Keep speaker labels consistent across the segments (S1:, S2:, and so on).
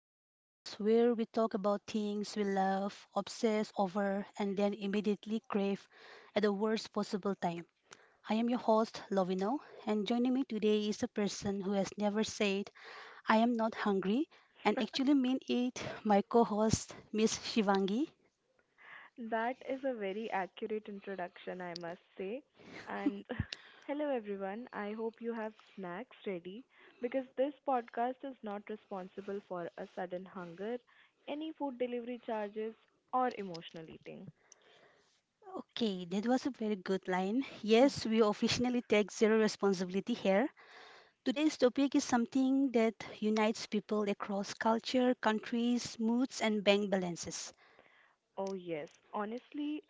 S1: The podcast where we talk about things we love, obsess over, and then immediately crave at the worst possible time. I am your host, Lovino, and joining me today is a person who has never said, I am not hungry, and actually mean it, my co host, Miss Shivangi.
S2: That is a very accurate introduction, I must say. And hello, everyone. I hope you have snacks ready because this podcast is not responsible for a sudden hunger, any food delivery charges, or emotional eating.
S1: Okay, that was a very good line. Yes, we officially take zero responsibility here. Today's topic is something that unites people across culture, countries, moods, and bank balances.
S2: Oh, yes. Honestly,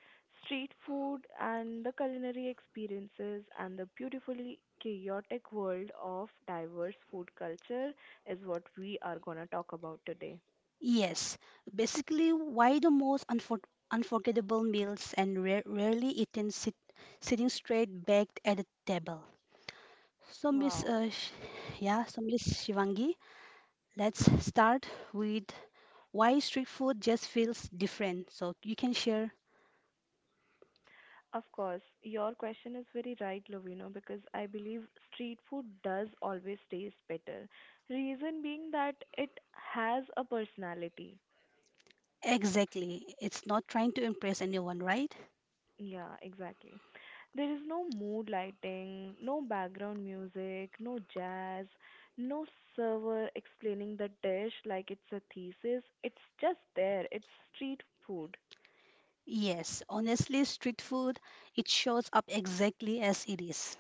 S2: street food and the culinary experiences and the beautifully chaotic world of diverse food culture is what we are going to talk about today.
S1: Yes, basically, why the most unforgettable meals and rarely eaten sitting straight back at a table. So,
S2: Wow.
S1: Miss Shivangi, let's start with why street food just feels different. So you can share
S2: Of course, your question is very right, Lovino, because I believe street food does always taste better. Reason being that it has a personality.
S1: exactly. It's not trying to impress anyone, right?
S2: Yeah, exactly. There is no mood lighting, no background music, no jazz, no server explaining the dish like it's a thesis. It's just there. It's street food.
S1: Yes, honestly, street food, it shows up exactly as it is.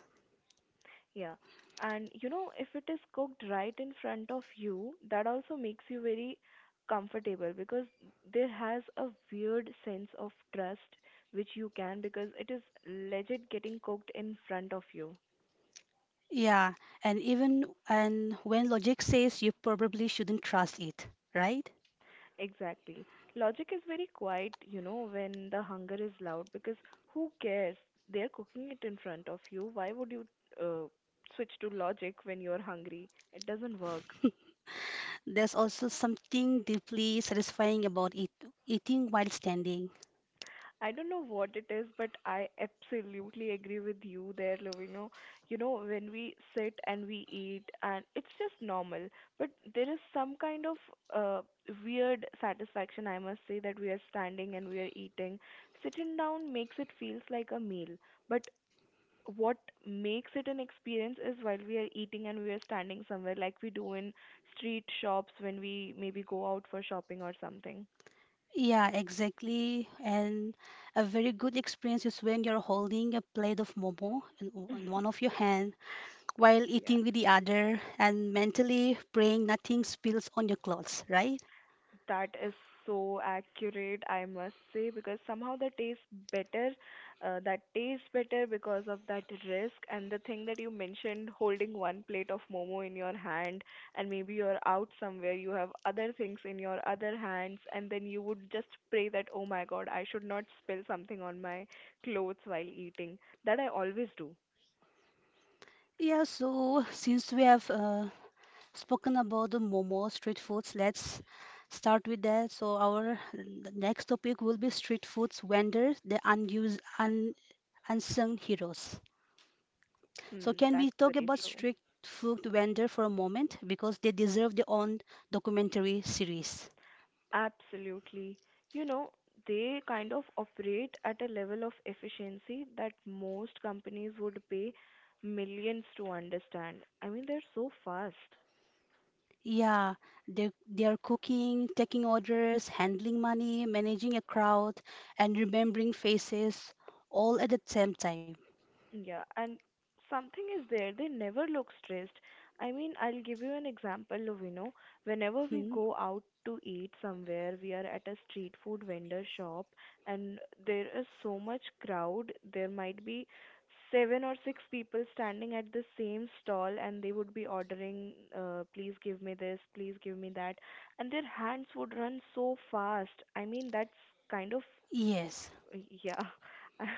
S2: Yeah. And you know, if it is cooked right in front of you, that also makes you very comfortable because there has a weird sense of trust which you can because it is legit getting cooked in front of you.
S1: Yeah, and when logic says you probably shouldn't trust it, right?
S2: Exactly. Logic is very quiet, you know, when the hunger is loud because who cares? They're cooking it in front of you. Why would you uh, switch to logic when you're hungry? It doesn't work.
S1: There's also something deeply satisfying about it, eating while standing.
S2: I don't know what it is, but I absolutely agree with you there, Lovino. You know, when we sit and we eat, and it's just normal, but there is some kind of uh, weird satisfaction, I must say, that we are standing and we are eating. Sitting down makes it feels like a meal, but what makes it an experience is while we are eating and we are standing somewhere, like we do in street shops when we maybe go out for shopping or something.
S1: Yeah, exactly. And a very good experience is when you're holding a plate of momo in, in one of your hand while eating with the other and mentally praying nothing spills on your clothes, right?
S2: That is so accurate, I must say, because somehow that tastes better. That tastes better because of that risk and the thing that you mentioned, holding one plate of momo in your hand, and maybe you're out somewhere, you have other things in your other hands, and then you would just pray that, oh my God, I should not spill something on my clothes while eating. That I always do.
S1: Yeah, so since we have spoken about the momo street foods, let's start with that. So our next topic will be street foods vendors, the unsung heroes. So
S2: Hmm,
S1: can we
S2: that's
S1: talk
S2: very
S1: about
S2: true.
S1: street food vendor for a moment because they deserve their own documentary series.
S2: Absolutely. You know, they kind of operate at a level of efficiency that most companies would pay millions to understand. I mean, they're so fast.
S1: Yeah, they are cooking, taking orders, handling money, managing a crowd, and remembering faces all at the same time.
S2: Yeah, and something is there. They never look stressed. I mean, I'll give you an example, Lovino. Whenever we
S1: Hmm?
S2: go out to eat somewhere, we are at a street food vendor shop, and there is so much crowd. There might be seven or six people standing at the same stall, and they would be ordering, please give me this, please give me that. And their hands would run so fast. I mean, that's kind of,
S1: Yes.
S2: yeah.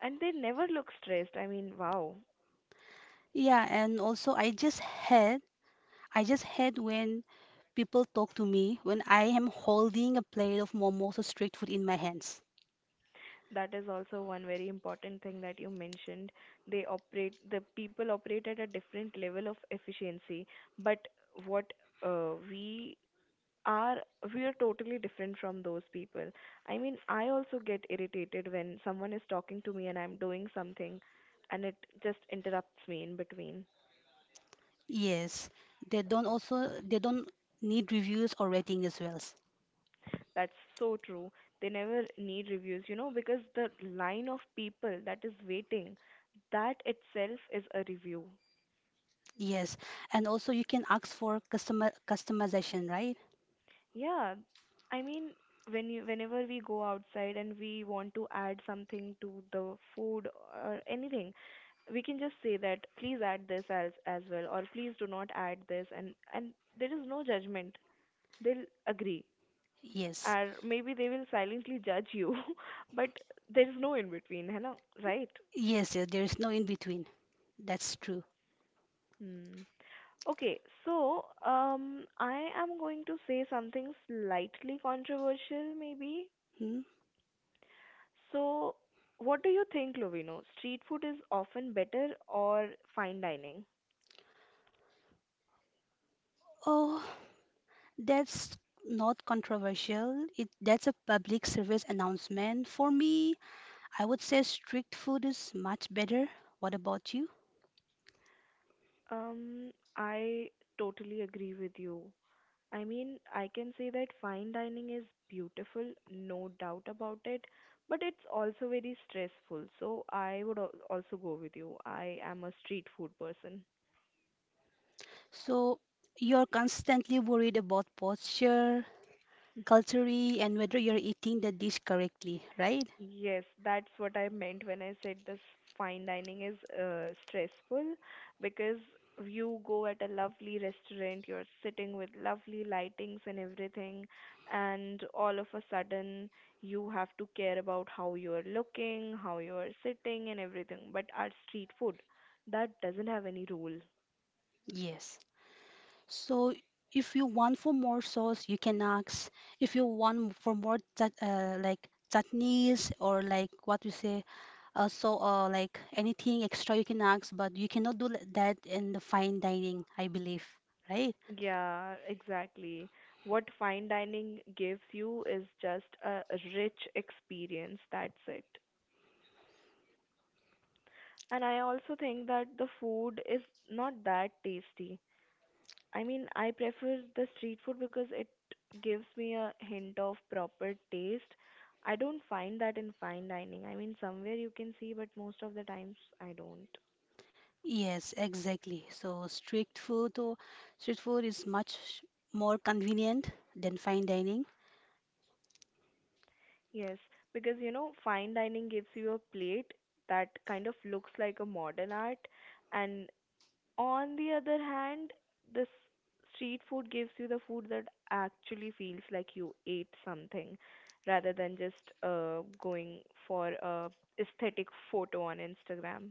S2: And they never look stressed. I mean, wow.
S1: Yeah, and also I just hate when people talk to me when I am holding a plate of momos or street food in my hands.
S2: That is also one very important thing that you mentioned. They operate, the people operate at a different level of efficiency, but what uh, we are, we are totally different from those people. I mean, I also get irritated when someone is talking to me and I'm doing something and it just interrupts me in between.
S1: Yes, they don't need reviews or rating as well.
S2: That's so true. They never need reviews, you know, because the line of people that is waiting, that itself is a review.
S1: Yes, and also you can ask for customer customization, right?
S2: Yeah, I mean, whenever we go outside and we want to add something to the food or anything, we can just say that please add this as well, or please do not add this, and there is no judgment. They'll agree,
S1: Yes,
S2: or maybe they will silently judge you, but there is no in between, है ना? Right?
S1: yes, there is no in between. That's true.
S2: Hmm. Okay, so I am going to say something slightly controversial, maybe.
S1: Hmm?
S2: So, what do you think, Lovino? Street food is often better or fine dining?
S1: Oh, that's not controversial. It That's a public service announcement. For me, I would say strict food is much better. What about you?
S2: Um, I totally agree with you. I mean, I can say that fine dining is beautiful, no doubt about it, but it's also very stressful. So, I would also go with you. I am a street food person.
S1: So you're constantly worried about posture, culture, and whether you're eating the dish correctly, right?
S2: Yes, that's what I meant when I said this fine dining is stressful because you go at a lovely restaurant, you're sitting with lovely lightings and everything, and all of a sudden you have to care about how you're looking, how you're sitting, and everything. But our street food, that doesn't have any rule.
S1: Yes. So if you want for more sauce, you can ask. If you want for more chutneys or like what you say, like anything extra you can ask, but you cannot do that in the fine dining, I believe, right?
S2: Yeah, exactly. What fine dining gives you is just a rich experience. That's it. And I also think that the food is not that tasty. I mean, I prefer the street food because it gives me a hint of proper taste. I don't find that in fine dining. I mean, somewhere you can see, but most of the times I don't.
S1: Yes, exactly. So street food is much more convenient than fine dining.
S2: Yes, because you know, fine dining gives you a plate that kind of looks like a modern art, and on the other hand, this street food gives you the food that actually feels like you ate something rather than just going for a aesthetic photo on Instagram.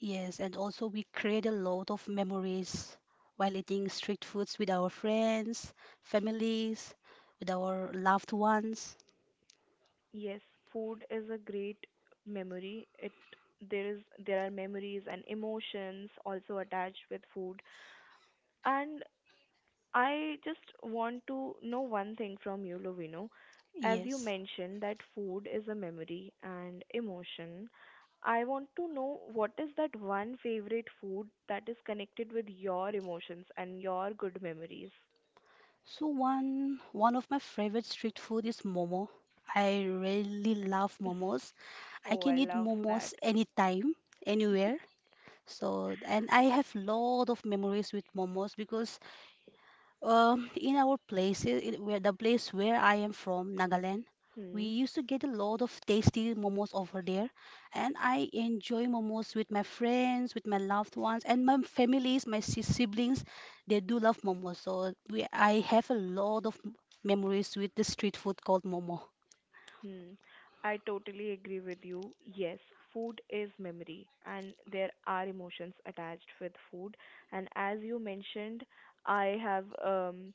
S1: Yes, and also we create a lot of memories while eating street foods with our friends, families, with our loved ones.
S2: Yes, food is a great memory. It there is there are memories and emotions also attached with food. And I just want to know one thing from you, Lovino. As you
S1: Yes.
S2: mentioned that food is a memory and emotion, I want to know what is that one favorite food that is connected with your emotions and your good memories.
S1: So one of my favorite street food is momo. I really love momos. I
S2: Oh,
S1: can
S2: I
S1: eat
S2: love
S1: momos
S2: that.
S1: anytime, anywhere. So, and I have lot of memories with momos because in our place, I- in where the place where I am from, Nagaland, we used to get a lot of tasty momos over there, and I enjoy momos with my friends, with my loved ones, and my families, my siblings. They do love momos, so we I have a lot of memories with the street food called momo.
S2: Hmm. I totally agree with you. Yes, food is memory, and there are emotions attached with food. And as you mentioned, I have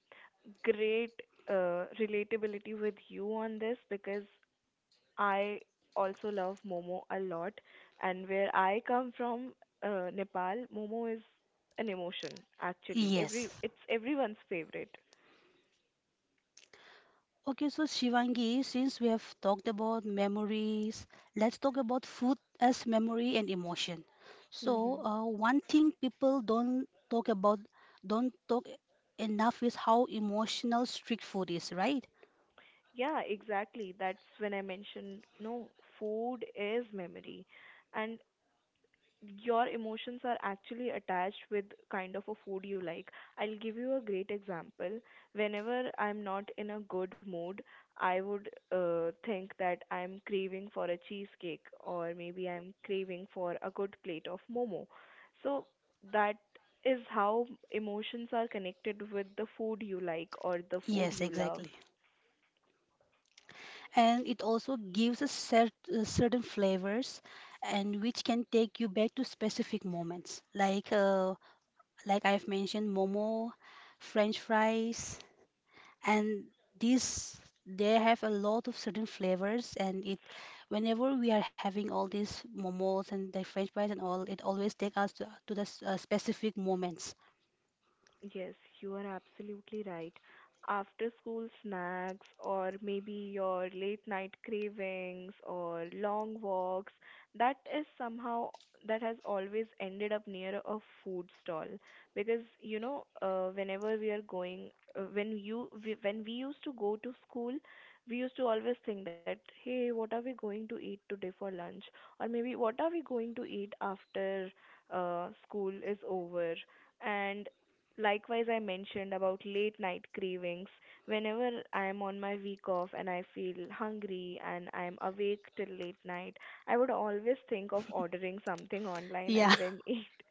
S2: great relatability with you on this because I also love momo a lot. And where I come from, Nepal, momo is an emotion, actually. Every
S1: Yes.
S2: It's everyone's favorite.
S1: Okay, so Shivangi, since we have talked about memories, let's talk about food as memory and emotion.
S2: Mm-hmm.
S1: So, one thing people don't talk about, don't talk enough is how emotional street food is, right?
S2: Yeah, exactly. That's when I mentioned no, food is memory. And your emotions are actually attached with kind of a food you like. I'll give you a great example. Whenever I'm not in a good mood, I would think that I'm craving for a cheesecake or maybe I'm craving for a good plate of momo. So that is how emotions are connected with the food you like or the food
S1: Yes,
S2: you love.
S1: exactly. And it also gives us certain flavors and which can take you back to specific moments. Like I've mentioned momo, French fries, and these they have a lot of certain flavors, and it whenever we are having all these momos and the french fries and all, it always take us to the specific moments.
S2: Yes, you are absolutely right. After school snacks, or maybe your late night cravings, or long walks, that is somehow that has always ended up near a food stall because you know whenever we are going, when we used to go to school, we used to always think that, hey, what are we going to eat today for lunch or maybe what are we going to eat after school is over. And likewise, I mentioned about late night cravings. Whenever I am on my week off and I feel hungry and I am awake till late night, I would always think of ordering something online
S1: Yeah.
S2: and then eat.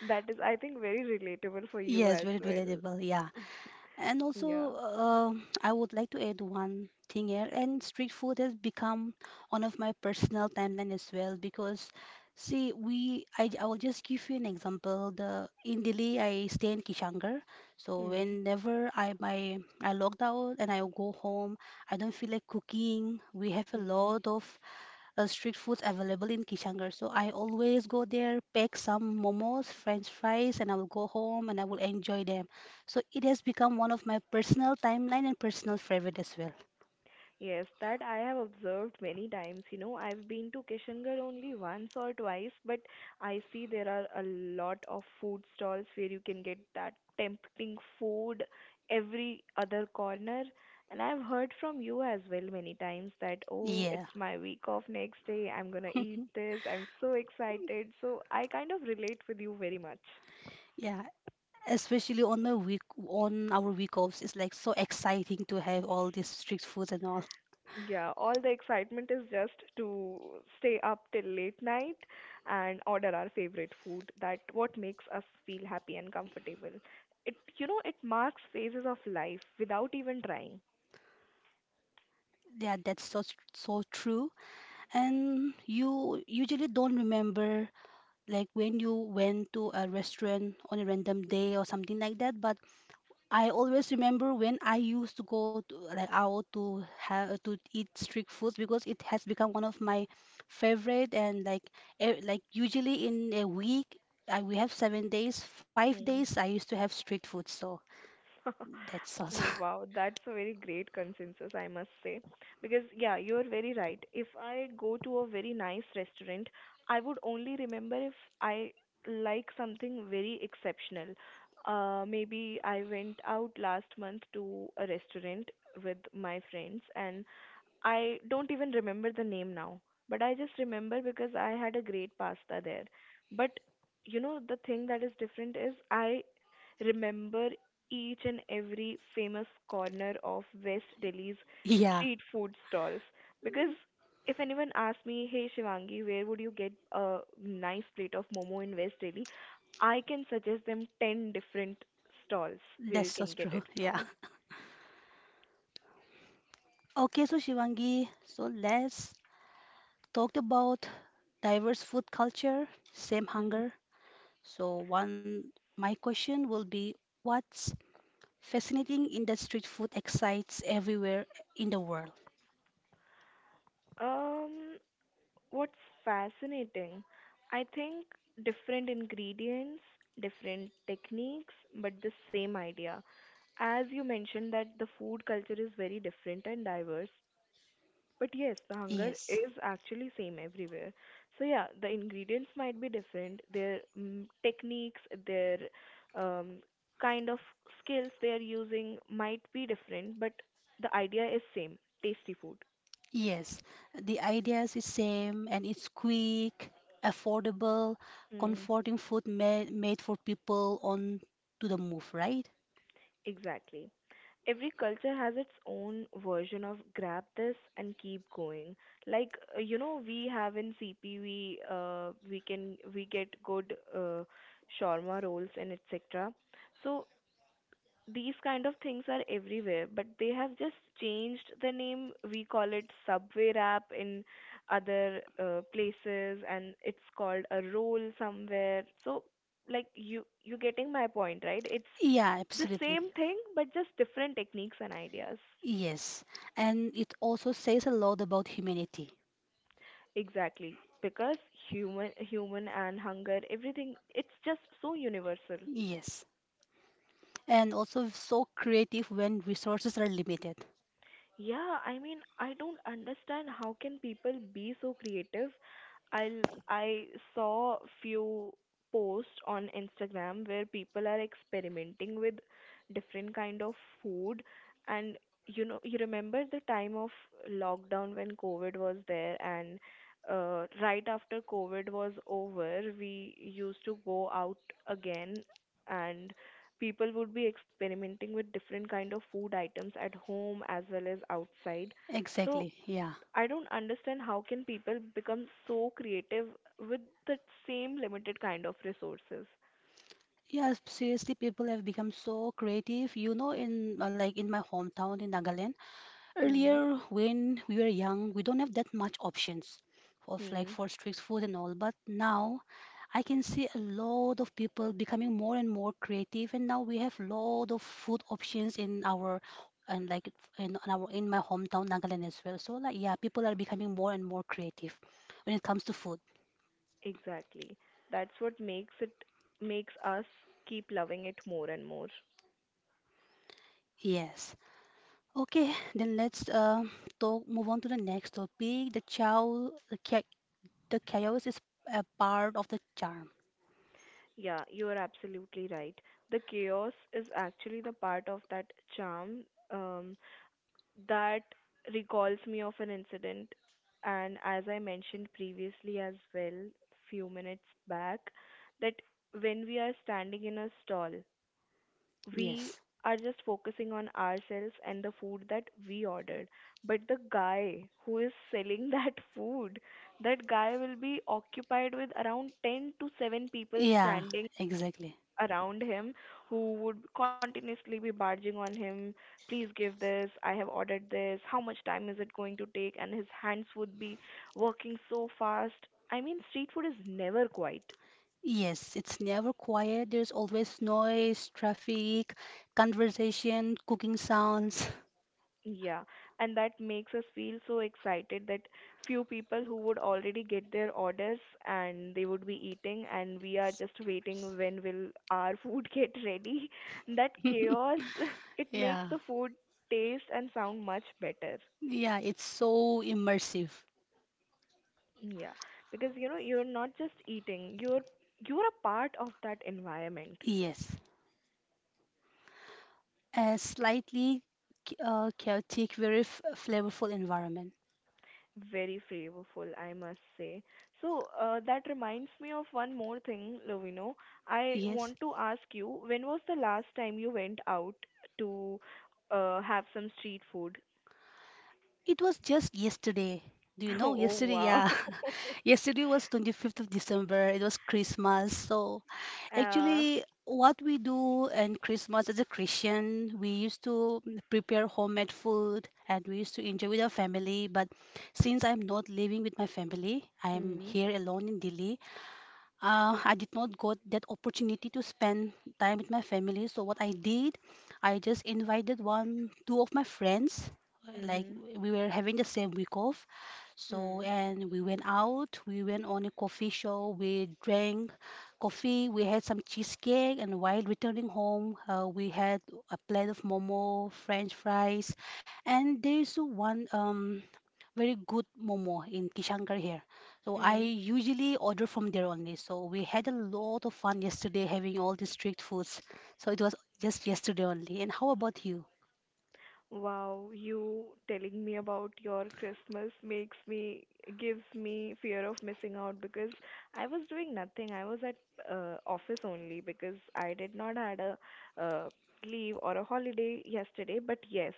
S2: That is, I think, very relatable for you
S1: Yes,
S2: as
S1: very
S2: well.
S1: relatable. Yeah. And
S2: Yeah.
S1: also, I would like to add one thing here. And street food has become one of my personal timeline as well because, see, we I will just give you an example. The in Delhi, I stay in Kishangar, so
S2: Hmm.
S1: whenever I logged out and I go home, I don't feel like cooking. We have a
S2: Hmm.
S1: lot of street foods available in Kishangarh. So I always go there, pack some momos, french fries, and I will go home and I will enjoy them. So it has become one of my personal timeline and personal favorite as well.
S2: Yes, that I have observed many times. You know, I've been to Kishangarh only once or twice, but I see there are a lot of food stalls where you can get that tempting food every other corner. And I've heard from you as well many times that, oh,
S1: Yeah.
S2: it's my week off next day, I'm gonna eat this, I'm so excited. So I kind of relate with you very much.
S1: Yeah, especially on our week offs, it's like so exciting to have all these street foods and all.
S2: Yeah, all the excitement is just to stay up till late night and order our favorite food. That what makes us feel happy and comfortable. It, you know, it marks phases of life without even trying.
S1: Yeah, that's so true. And you usually don't remember like when you went to a restaurant on a random day or something like that, but I always remember when I used to go to, like, out to have to eat street foods because it has become one of my favorite, and like like usually in a week, we have seven days, five days
S2: Hmm.
S1: I used to have street food. So that's also.
S2: Oh, wow, that's a very great consensus, I must say. Because, yeah, you're very right. If I go to a very nice restaurant, I would only remember if I like something very exceptional. Maybe I went out last month to a restaurant with my friends, and I don't even remember the name now, but I just remember because I had a great pasta there. But you know, the thing that is different is I remember each and every famous corner of West Delhi's
S1: Yeah,
S2: street food stalls because if anyone asks me, "Hey Shivangi, where would you get a nice plate of momo in West Delhi?" I can suggest them 10 different stalls where
S1: that's
S2: you
S1: so
S2: can get
S1: true.
S2: it
S1: Yeah.
S2: from.
S1: Okay, so Shivangi, so let's talk about diverse food culture, same
S2: Mhm.
S1: hunger. So one, my question will be, what's fascinating in that street food excites everywhere in the world.
S2: Um, What's fascinating, I think, different ingredients, different techniques, but the same idea. As you mentioned, that the food culture is very different and diverse. But yes, the hunger
S1: Yes,
S2: is actually same everywhere. So yeah, the ingredients might be different, their techniques, their um, kind of skills they are using might be different, but the idea is same, tasty food.
S1: yes. The ideas is same and it's quick, affordable,
S2: Hmm.
S1: comforting food made for people on to the move, right?
S2: Exactly. Every culture has its own version of grab this and keep going. Like you know, we have in CP we can we get good shawarma rolls and etc. So these kind of things are everywhere, but they have just changed the name. We call it subway wrap in other places, and it's called a roll somewhere. So, like you getting my point, right? It's
S1: Yeah,
S2: the
S1: absolutely.
S2: same thing, but just different techniques and ideas.
S1: Yes. And it also says a lot about humanity.
S2: Exactly, because human and hunger, everything, it's just so universal.
S1: Yes. And also so creative when resources are limited.
S2: Yeah, I mean, I don't understand how can people be so creative. I I saw few posts on Instagram where people are experimenting with different kind of food, and you remember the time of lockdown when COVID was there. And right after COVID was over, we used to go out again. And people would be experimenting with different kind of food items at home as well as outside. So
S1: Exactly. Yeah.
S2: I don't understand how can people become so creative with the same limited kind of resources.
S1: Yeah, seriously, people have become so creative. You know, in like in my hometown in Nagaland,
S2: Hmm.
S1: earlier when we were young, we don't have that much options of like
S2: Hmm.
S1: for street food and all. But now I can see a lot of people becoming more and more creative, and now we have lot of food options in our, and like in my hometown Nagaland as well. So like, yeah, people are becoming more and more creative when it comes to food.
S2: Exactly, that's what makes us keep loving it more and more.
S1: Yes. Okay, then let's talk. Move on to the next topic. The chaos is a part of the charm.
S2: Yeah, you are absolutely right. The chaos is actually the part of that charm. um That recalls me of an incident, and as I mentioned previously as well, few minutes back, that when we are standing in a stall, we
S1: Yes.
S2: are just focusing on ourselves and the food that we ordered. But the guy who is selling that food, that guy will be occupied with around 10 to 7 people
S1: Yeah.
S2: standing
S1: Exactly.
S2: around him, who would continuously be barging on him, please give this, I have ordered this, how much time is it going to take? And his hands would be working so fast. I mean, street food is never quiet.
S1: Yes, it's never quiet. There's always noise, traffic, conversation, cooking sounds.
S2: Yeah, and that makes us feel so excited that few people who would already get their orders and they would be eating, and we are just waiting when will our food get ready. That chaos, it makes
S1: Yeah.
S2: the food taste and sound much better.
S1: Yeah. It's so immersive.
S2: Yeah, because you're not just eating, you're a part of that environment.
S1: Yes. A slightly chaotic, very flavorful environment.
S2: Very flavorful, I must say. So that reminds me of one more thing, Lovino. I
S1: Yes.
S2: want to ask you, when was the last time you went out to have some street food?
S1: It was just yesterday. Do you know?
S2: Oh
S1: Yesterday,
S2: wow.
S1: yeah. Yesterday was 25th of December. It was Christmas. So,
S2: Uh,
S1: actually, what we do in Christmas as a Christian, we used to prepare homemade food and we used to enjoy with our family. But since I'm not living with my family, I'm
S2: hmm,
S1: here alone in Delhi. I did not got that opportunity to spend time with my family. So what I did, I just invited one, two of my friends. Like
S2: hmm,
S1: we were having the same week off, so
S2: hmm,
S1: and we went out. We went on a coffee show. We drank coffee. We had some cheesecake, and while returning home, we had a plate of momo, French fries, and there's one very good momo in Kishankar here. So I
S2: hmm.
S1: usually order from there only. So we had a lot of fun yesterday having all the street foods. So it was just yesterday only. And how about you?
S2: Wow, you telling me about your Christmas makes me gives me fear of missing out because I was doing nothing. I was at office only because I did not had a uh, leave or a holiday yesterday. But yes,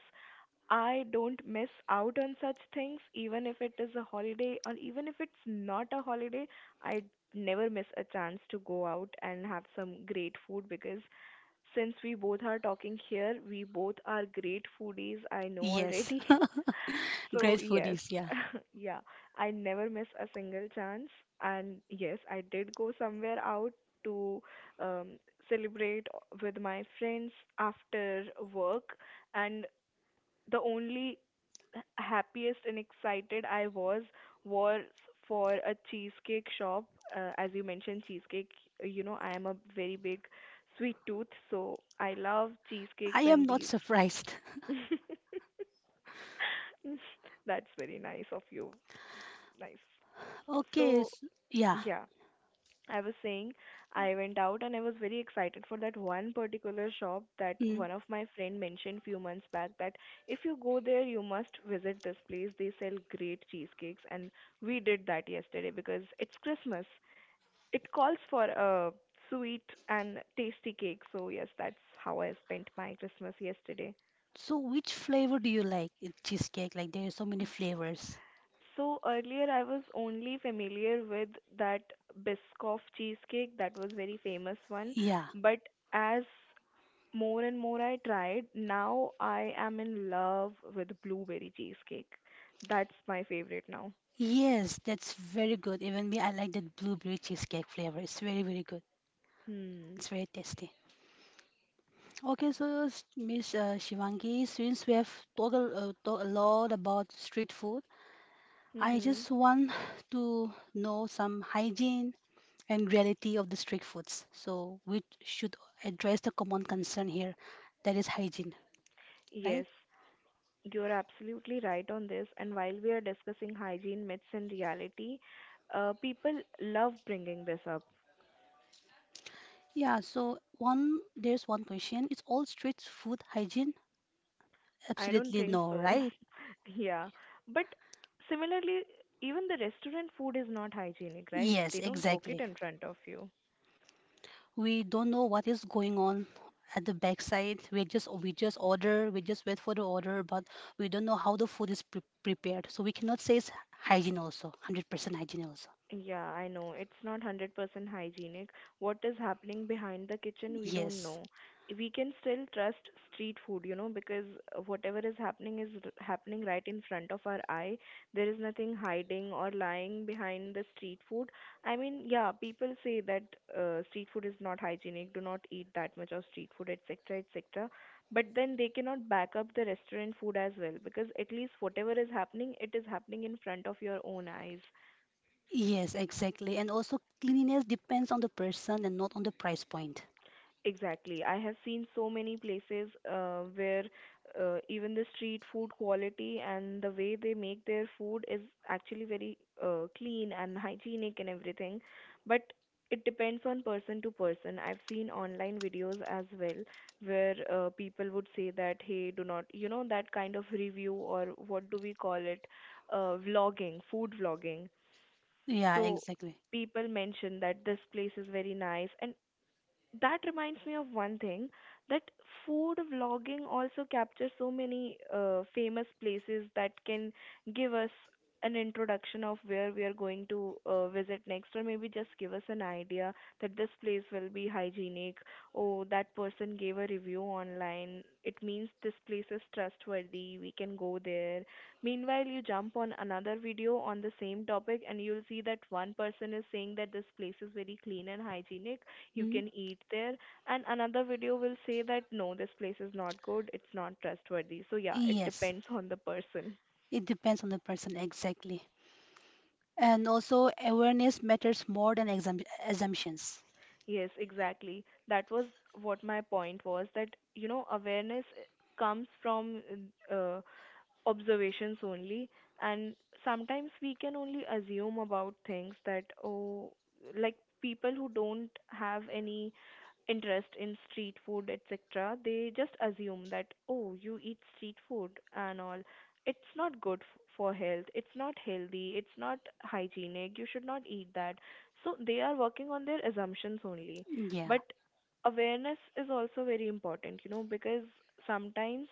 S2: I don't miss out on such things, even if it is a holiday or even if it's not a holiday, I never miss a chance to go out and have some great food because since we both are talking here, we both are great foodies, I know
S1: Yes,
S2: already.
S1: great
S2: So, yes,
S1: foodies. Yeah,
S2: yeah, I never miss a single chance. And yes, I did go somewhere out to um, celebrate with my friends after work. And the only happiest and excited I was for a cheesecake shop. As you mentioned, cheesecake, I am a very big sweet tooth, so I love cheesecakes
S1: I am
S2: and
S1: not
S2: these.
S1: surprised.
S2: That's very nice of you. Nice.
S1: Okay,
S2: So,
S1: yeah.
S2: yeah, I was saying I went out and I was very excited for that one particular shop that
S1: Mm.
S2: one of my friend mentioned few months back, that if you go there you must visit this place, they sell great cheesecakes. And we did that yesterday because it's Christmas, it calls for a sweet and tasty cake. So yes, that's how I spent my Christmas yesterday.
S1: So which flavor do you like in cheesecake? Like there are so many flavors.
S2: So earlier I was only familiar with that Biscoff cheesecake that was very famous one.
S1: Yeah.
S2: But as more and more I tried, now I am in love with blueberry cheesecake. That's my favorite now.
S1: Yes, that's very good. Even me, I like that blueberry cheesecake flavor. It's very, very good.
S2: Hmm.
S1: It's very tasty. Okay, so s- Miss Shivangi, since we have talked a lot about street food, I
S2: Mm-hmm.
S1: just want to know some hygiene and reality of the street foods. So we should address the common concern here, that is hygiene,
S2: Yes,
S1: right?
S2: you're absolutely right on this. And while we are discussing hygiene myths and reality, people love bringing this up.
S1: Yeah, so one there's one question. Is all street food hygiene?
S2: I don't
S1: Absolutely
S2: think
S1: no,
S2: so.
S1: right?
S2: Yeah. But similarly, even the restaurant food is not hygienic, right?
S1: Yes,
S2: They don't cook it
S1: exactly.
S2: in front of you.
S1: We don't know what is going on at the backside. We just order, we just wait for the order, but we don't know how the food is prepared. So we cannot say it's hygiene also, 100% hygiene also.
S2: Yeah, I know. It's not 100% hygienic. What is happening behind the kitchen, we don't
S1: Yes.
S2: know. We can still trust street food, because whatever is happening is happening right in front of our eye. There is nothing hiding or lying behind the street food. I mean, yeah, people say that street food is not hygienic, do not eat that much of street food, etc., etc. But then they cannot back up the restaurant food as well, because at least whatever is happening, it is happening in front of your own eyes.
S1: Yes, exactly. And also cleanliness depends on the person and not on the price point.
S2: Exactly. I have seen so many places where even the street food quality and the way they make their food is actually very clean and hygienic and everything. But it depends on person to person. I've seen online videos as well where people would say that, hey, do not, that kind of review or what do we call it? Vlogging, food vlogging.
S1: Yeah,
S2: So
S1: exactly.
S2: people mention that this place is very nice, and that reminds me of one thing that food vlogging also captures so many famous places that can give us an introduction of where we are going to visit next, or maybe just give us an idea that this place will be hygienic. Oh, that person gave a review online, it means this place is trustworthy, we can go there. Meanwhile, you jump on another video on the same topic and you'll see that one person is saying that this place is very clean and hygienic, you
S1: Hmm?
S2: can eat there. And another video will say that, no, this place is not good, it's not trustworthy. So yeah, it
S1: Yes,
S2: depends on the person.
S1: it depends on the person exactly. And also awareness matters more than exam assumptions.
S2: Yes, exactly, that was what my point was, that awareness comes from uh, observations only. And sometimes we can only assume about things that, oh, like people who don't have any interest in street food etc, they just assume that, oh, you eat street food and all, it's not good for health, it's not healthy, it's not hygienic, you should not eat that. So they are working on their assumptions only.
S1: Yeah.
S2: But awareness is also very important, because sometimes,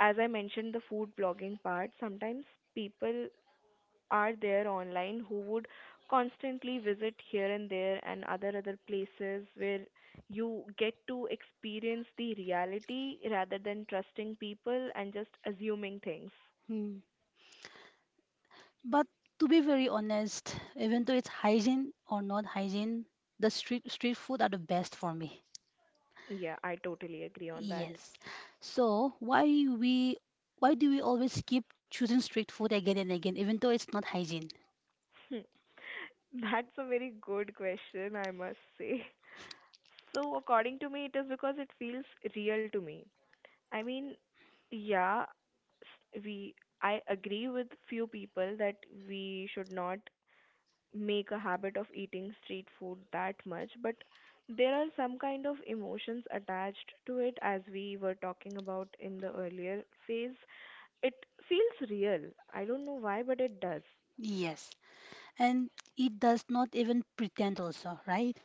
S2: as I mentioned, the food blogging part, sometimes people are there online who would constantly visit here and there and other places where you get to experience the reality rather than trusting people and just assuming things.
S1: Hmm. But to be very honest, even though it's hygiene or not hygiene, the street food are the best for me.
S2: Yeah, I totally agree on that.
S1: Yes. So why do we always keep choosing street food again and again, even though it's not hygiene?
S2: Hmm. That's a very good question, I must say. So, according to me, it is because it feels real to me. I mean, yeah, s- we I agree with few people that we should not make a habit of eating street food that much, but there are some kind of emotions attached to it as we were talking about in the earlier phase. It feels real. I don't know why, but it does.
S1: Yes. And it does not even pretend also, right?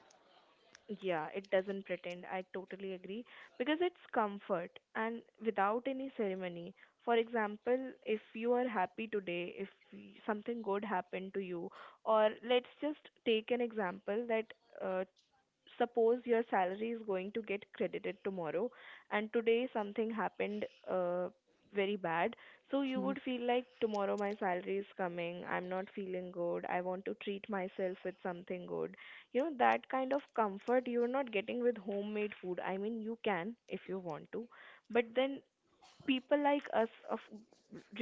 S2: Yeah, it doesn't pretend. I totally agree because it's comfort and without any ceremony. For example, if you are happy today, if something good happened to you, or let's just take an example that uh, suppose your salary is going to get credited tomorrow and today something happened very bad, so you
S1: Mhm.
S2: would feel like, tomorrow my salary is coming, I'm not feeling good, I want to treat myself with something good. That kind of comfort you're not getting with homemade food, I mean you can if you want to, but then people like us, of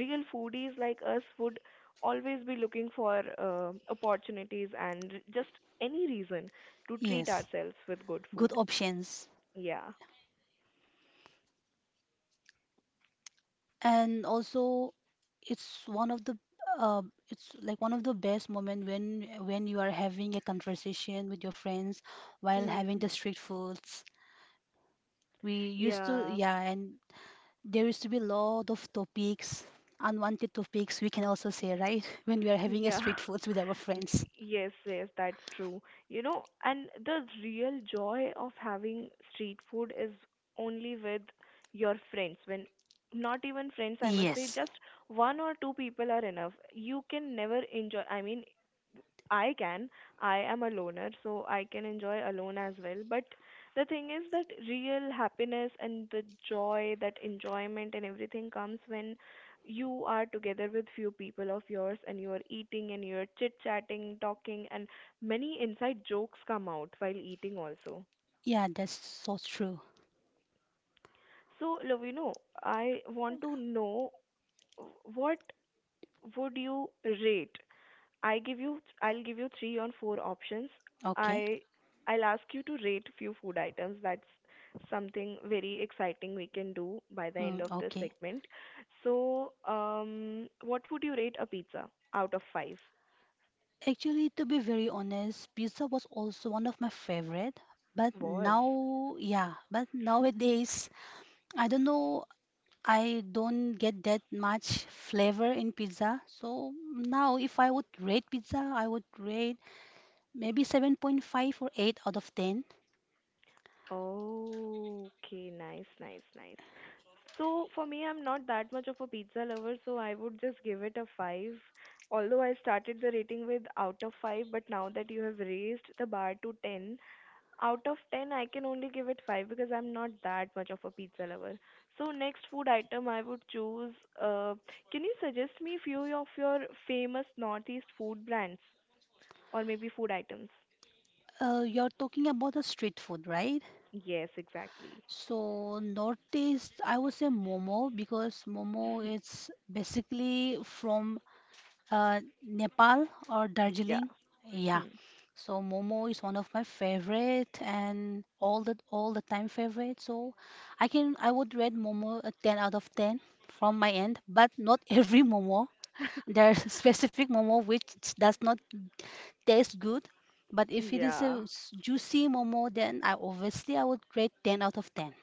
S2: real foodies like us, would always be looking for opportunities and just any reason to treat
S1: Yes.
S2: ourselves with good
S1: Good
S2: food.
S1: options.
S2: Yeah.
S1: And also, it's one of the uh, it's like one of the best moment when you are having a conversation with your friends while having
S2: Hmm.
S1: the street foods. We used to,
S2: Yeah.
S1: yeah, and there used to be a lot of topics, unwanted topics we can also say, right? When we are having a
S2: Yeah.
S1: street foods with our
S2: N-
S1: friends.
S2: Yes, yes, that's true. And the real joy of having street food is only with your friends. When not even friends, I must say,
S1: Yes.
S2: just one or two people are enough. You can never enjoy, I mean, I can. I am a loner, so I can enjoy alone as well. But the thing is that real happiness and the joy, that enjoyment and everything comes when you are together with few people of yours and you are eating and you're chit chatting, talking, and many inside jokes come out while eating also.
S1: Yeah, that's so true.
S2: So, Lovino, I want to know, uh, what would you rate, I'll give you three or four options.
S1: Okay.
S2: I I'll ask you to rate few food items. That's something very exciting we can do by the end
S1: Mm,
S2: of this
S1: okay.
S2: segment. So, what would you rate a pizza out of 5?
S1: Actually, to be very honest, pizza was also one of my favorite. But
S2: Was.
S1: now, yeah, but nowadays, I don't know, I don't get that much flavor in pizza. So now, if I would rate pizza, I would rate maybe 7.5 or 8 out of 10.
S2: Oh, okay, nice, nice, nice. So for me, I'm not that much of a pizza lover, so I would just give it a five. Although I started the rating with out of five, but now that you have raised the bar to 10, out of 10, I can only give it 5 because I'm not that much of a pizza lover. So next food item I would choose, uh, can you suggest me few of your famous Northeast food brands or maybe food items?
S1: You're talking about the street food, right?
S2: Yes, exactly.
S1: So northeast, I would say momo because momo is basically from Nepal or
S2: Yeah.
S1: Darjeeling. Yeah,
S2: Hmm.
S1: so Momo is one of my favorite and all the time favorite. So I would rate Momo a 10 out of 10 from my end, but not every Momo. There's specific Momo which does not taste good, but if it is a
S2: Yeah,
S1: juicy Momo, then I would rate 10 out of 10.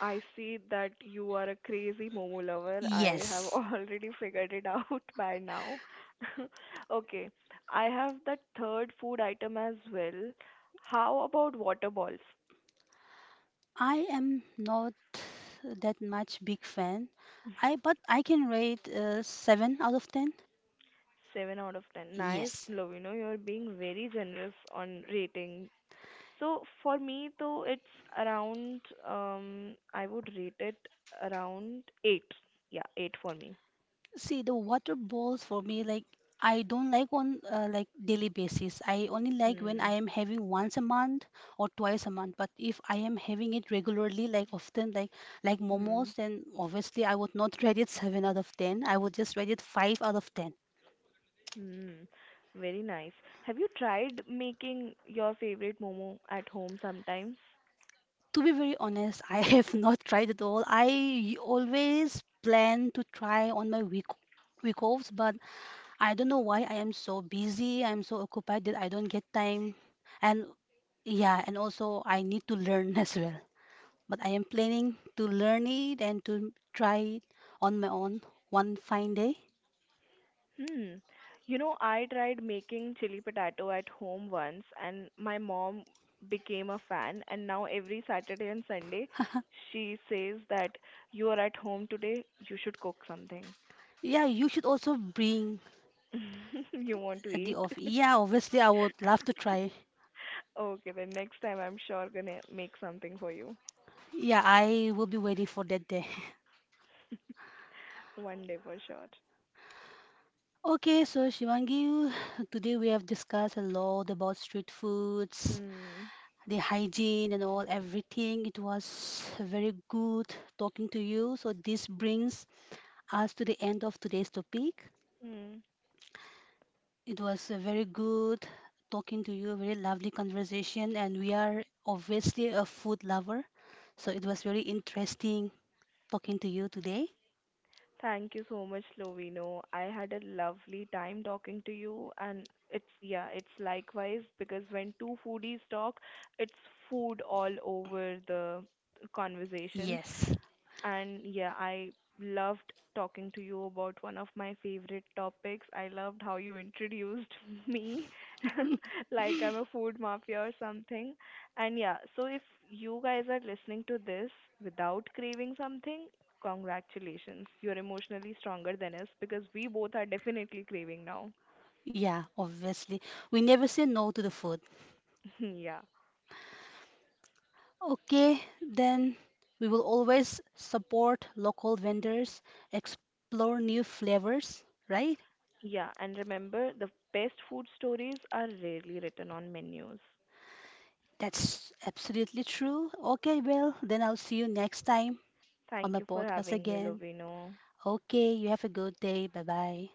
S2: I see that you are a crazy momo lover. I have
S1: Yes,
S2: already figured it out by now. Okay, I have the third food item as well. How about water balls?
S1: I am not that much big fan. I can rate 7 out of 10.
S2: 7 out of 10. Nice,
S1: Yes.
S2: Lovino. You're being very generous on rating. So for me, though, it's around. I would rate it around 8. Yeah, 8 for me.
S1: See, the water balls for me, like I don't like on like daily basis. I only like when I
S2: Hmm.
S1: am having once a month or twice a month. But if I am having it regularly, like often, like
S2: Hmm.
S1: momos, then obviously I would not rate it seven out of ten. I would just rate it five out of ten.
S2: Hmm. Very nice. Have you tried making your favorite momo at home sometimes?
S1: To be very honest, I have not tried it all. I always plan to try on my week offs, but I don't know why I am so busy. I'm so occupied that I don't get time and. Yeah, and also I need to learn as well. But I am planning to learn it and to try it on my own one fine day.
S2: Hmm. I tried making chili potato at home once, and my mom became a fan. And now every Saturday and Sunday, she says that you are at home today, you should cook something.
S1: Yeah, you should also bring
S2: You want to
S1: at the
S2: eat?
S1: off. Yeah, obviously I would love to try.
S2: Okay, then next time I'm sure gonna make something for you.
S1: Yeah, I will be waiting for that day.
S2: One day for sure.
S1: Okay, so Shivangi, today we have discussed a lot about street foods,
S2: Hmm.
S1: the hygiene and all everything. It was very good talking to you. So this brings us to the end of today's topic.
S2: Hmm.
S1: It was a very good talking to you, very lovely conversation, and we are obviously a food lover, so it was very interesting talking to you today.
S2: Thank you so much, Lovino. I had a lovely time talking to you, and it's likewise because when two foodies talk, it's food all over the conversations.
S1: Yes,
S2: And yeah, I loved talking to you about one of my favorite topics. I loved how you introduced me like I'm a food mafia or something. And yeah, so if you guys are listening to this without craving something, congratulations. You're emotionally stronger than us because we both are definitely craving now.
S1: yeah, obviously. We never say no to the food.
S2: Yeah.
S1: Okay, then we will always support local vendors, explore new flavors, right?
S2: Yeah, and remember, the best food stories are rarely written on menus.
S1: That's absolutely true. Okay, well, then I'll see you next time on the
S2: Thank you for
S1: podcast
S2: having me,
S1: again.
S2: Lovino.
S1: Okay, you have a good day. Bye bye.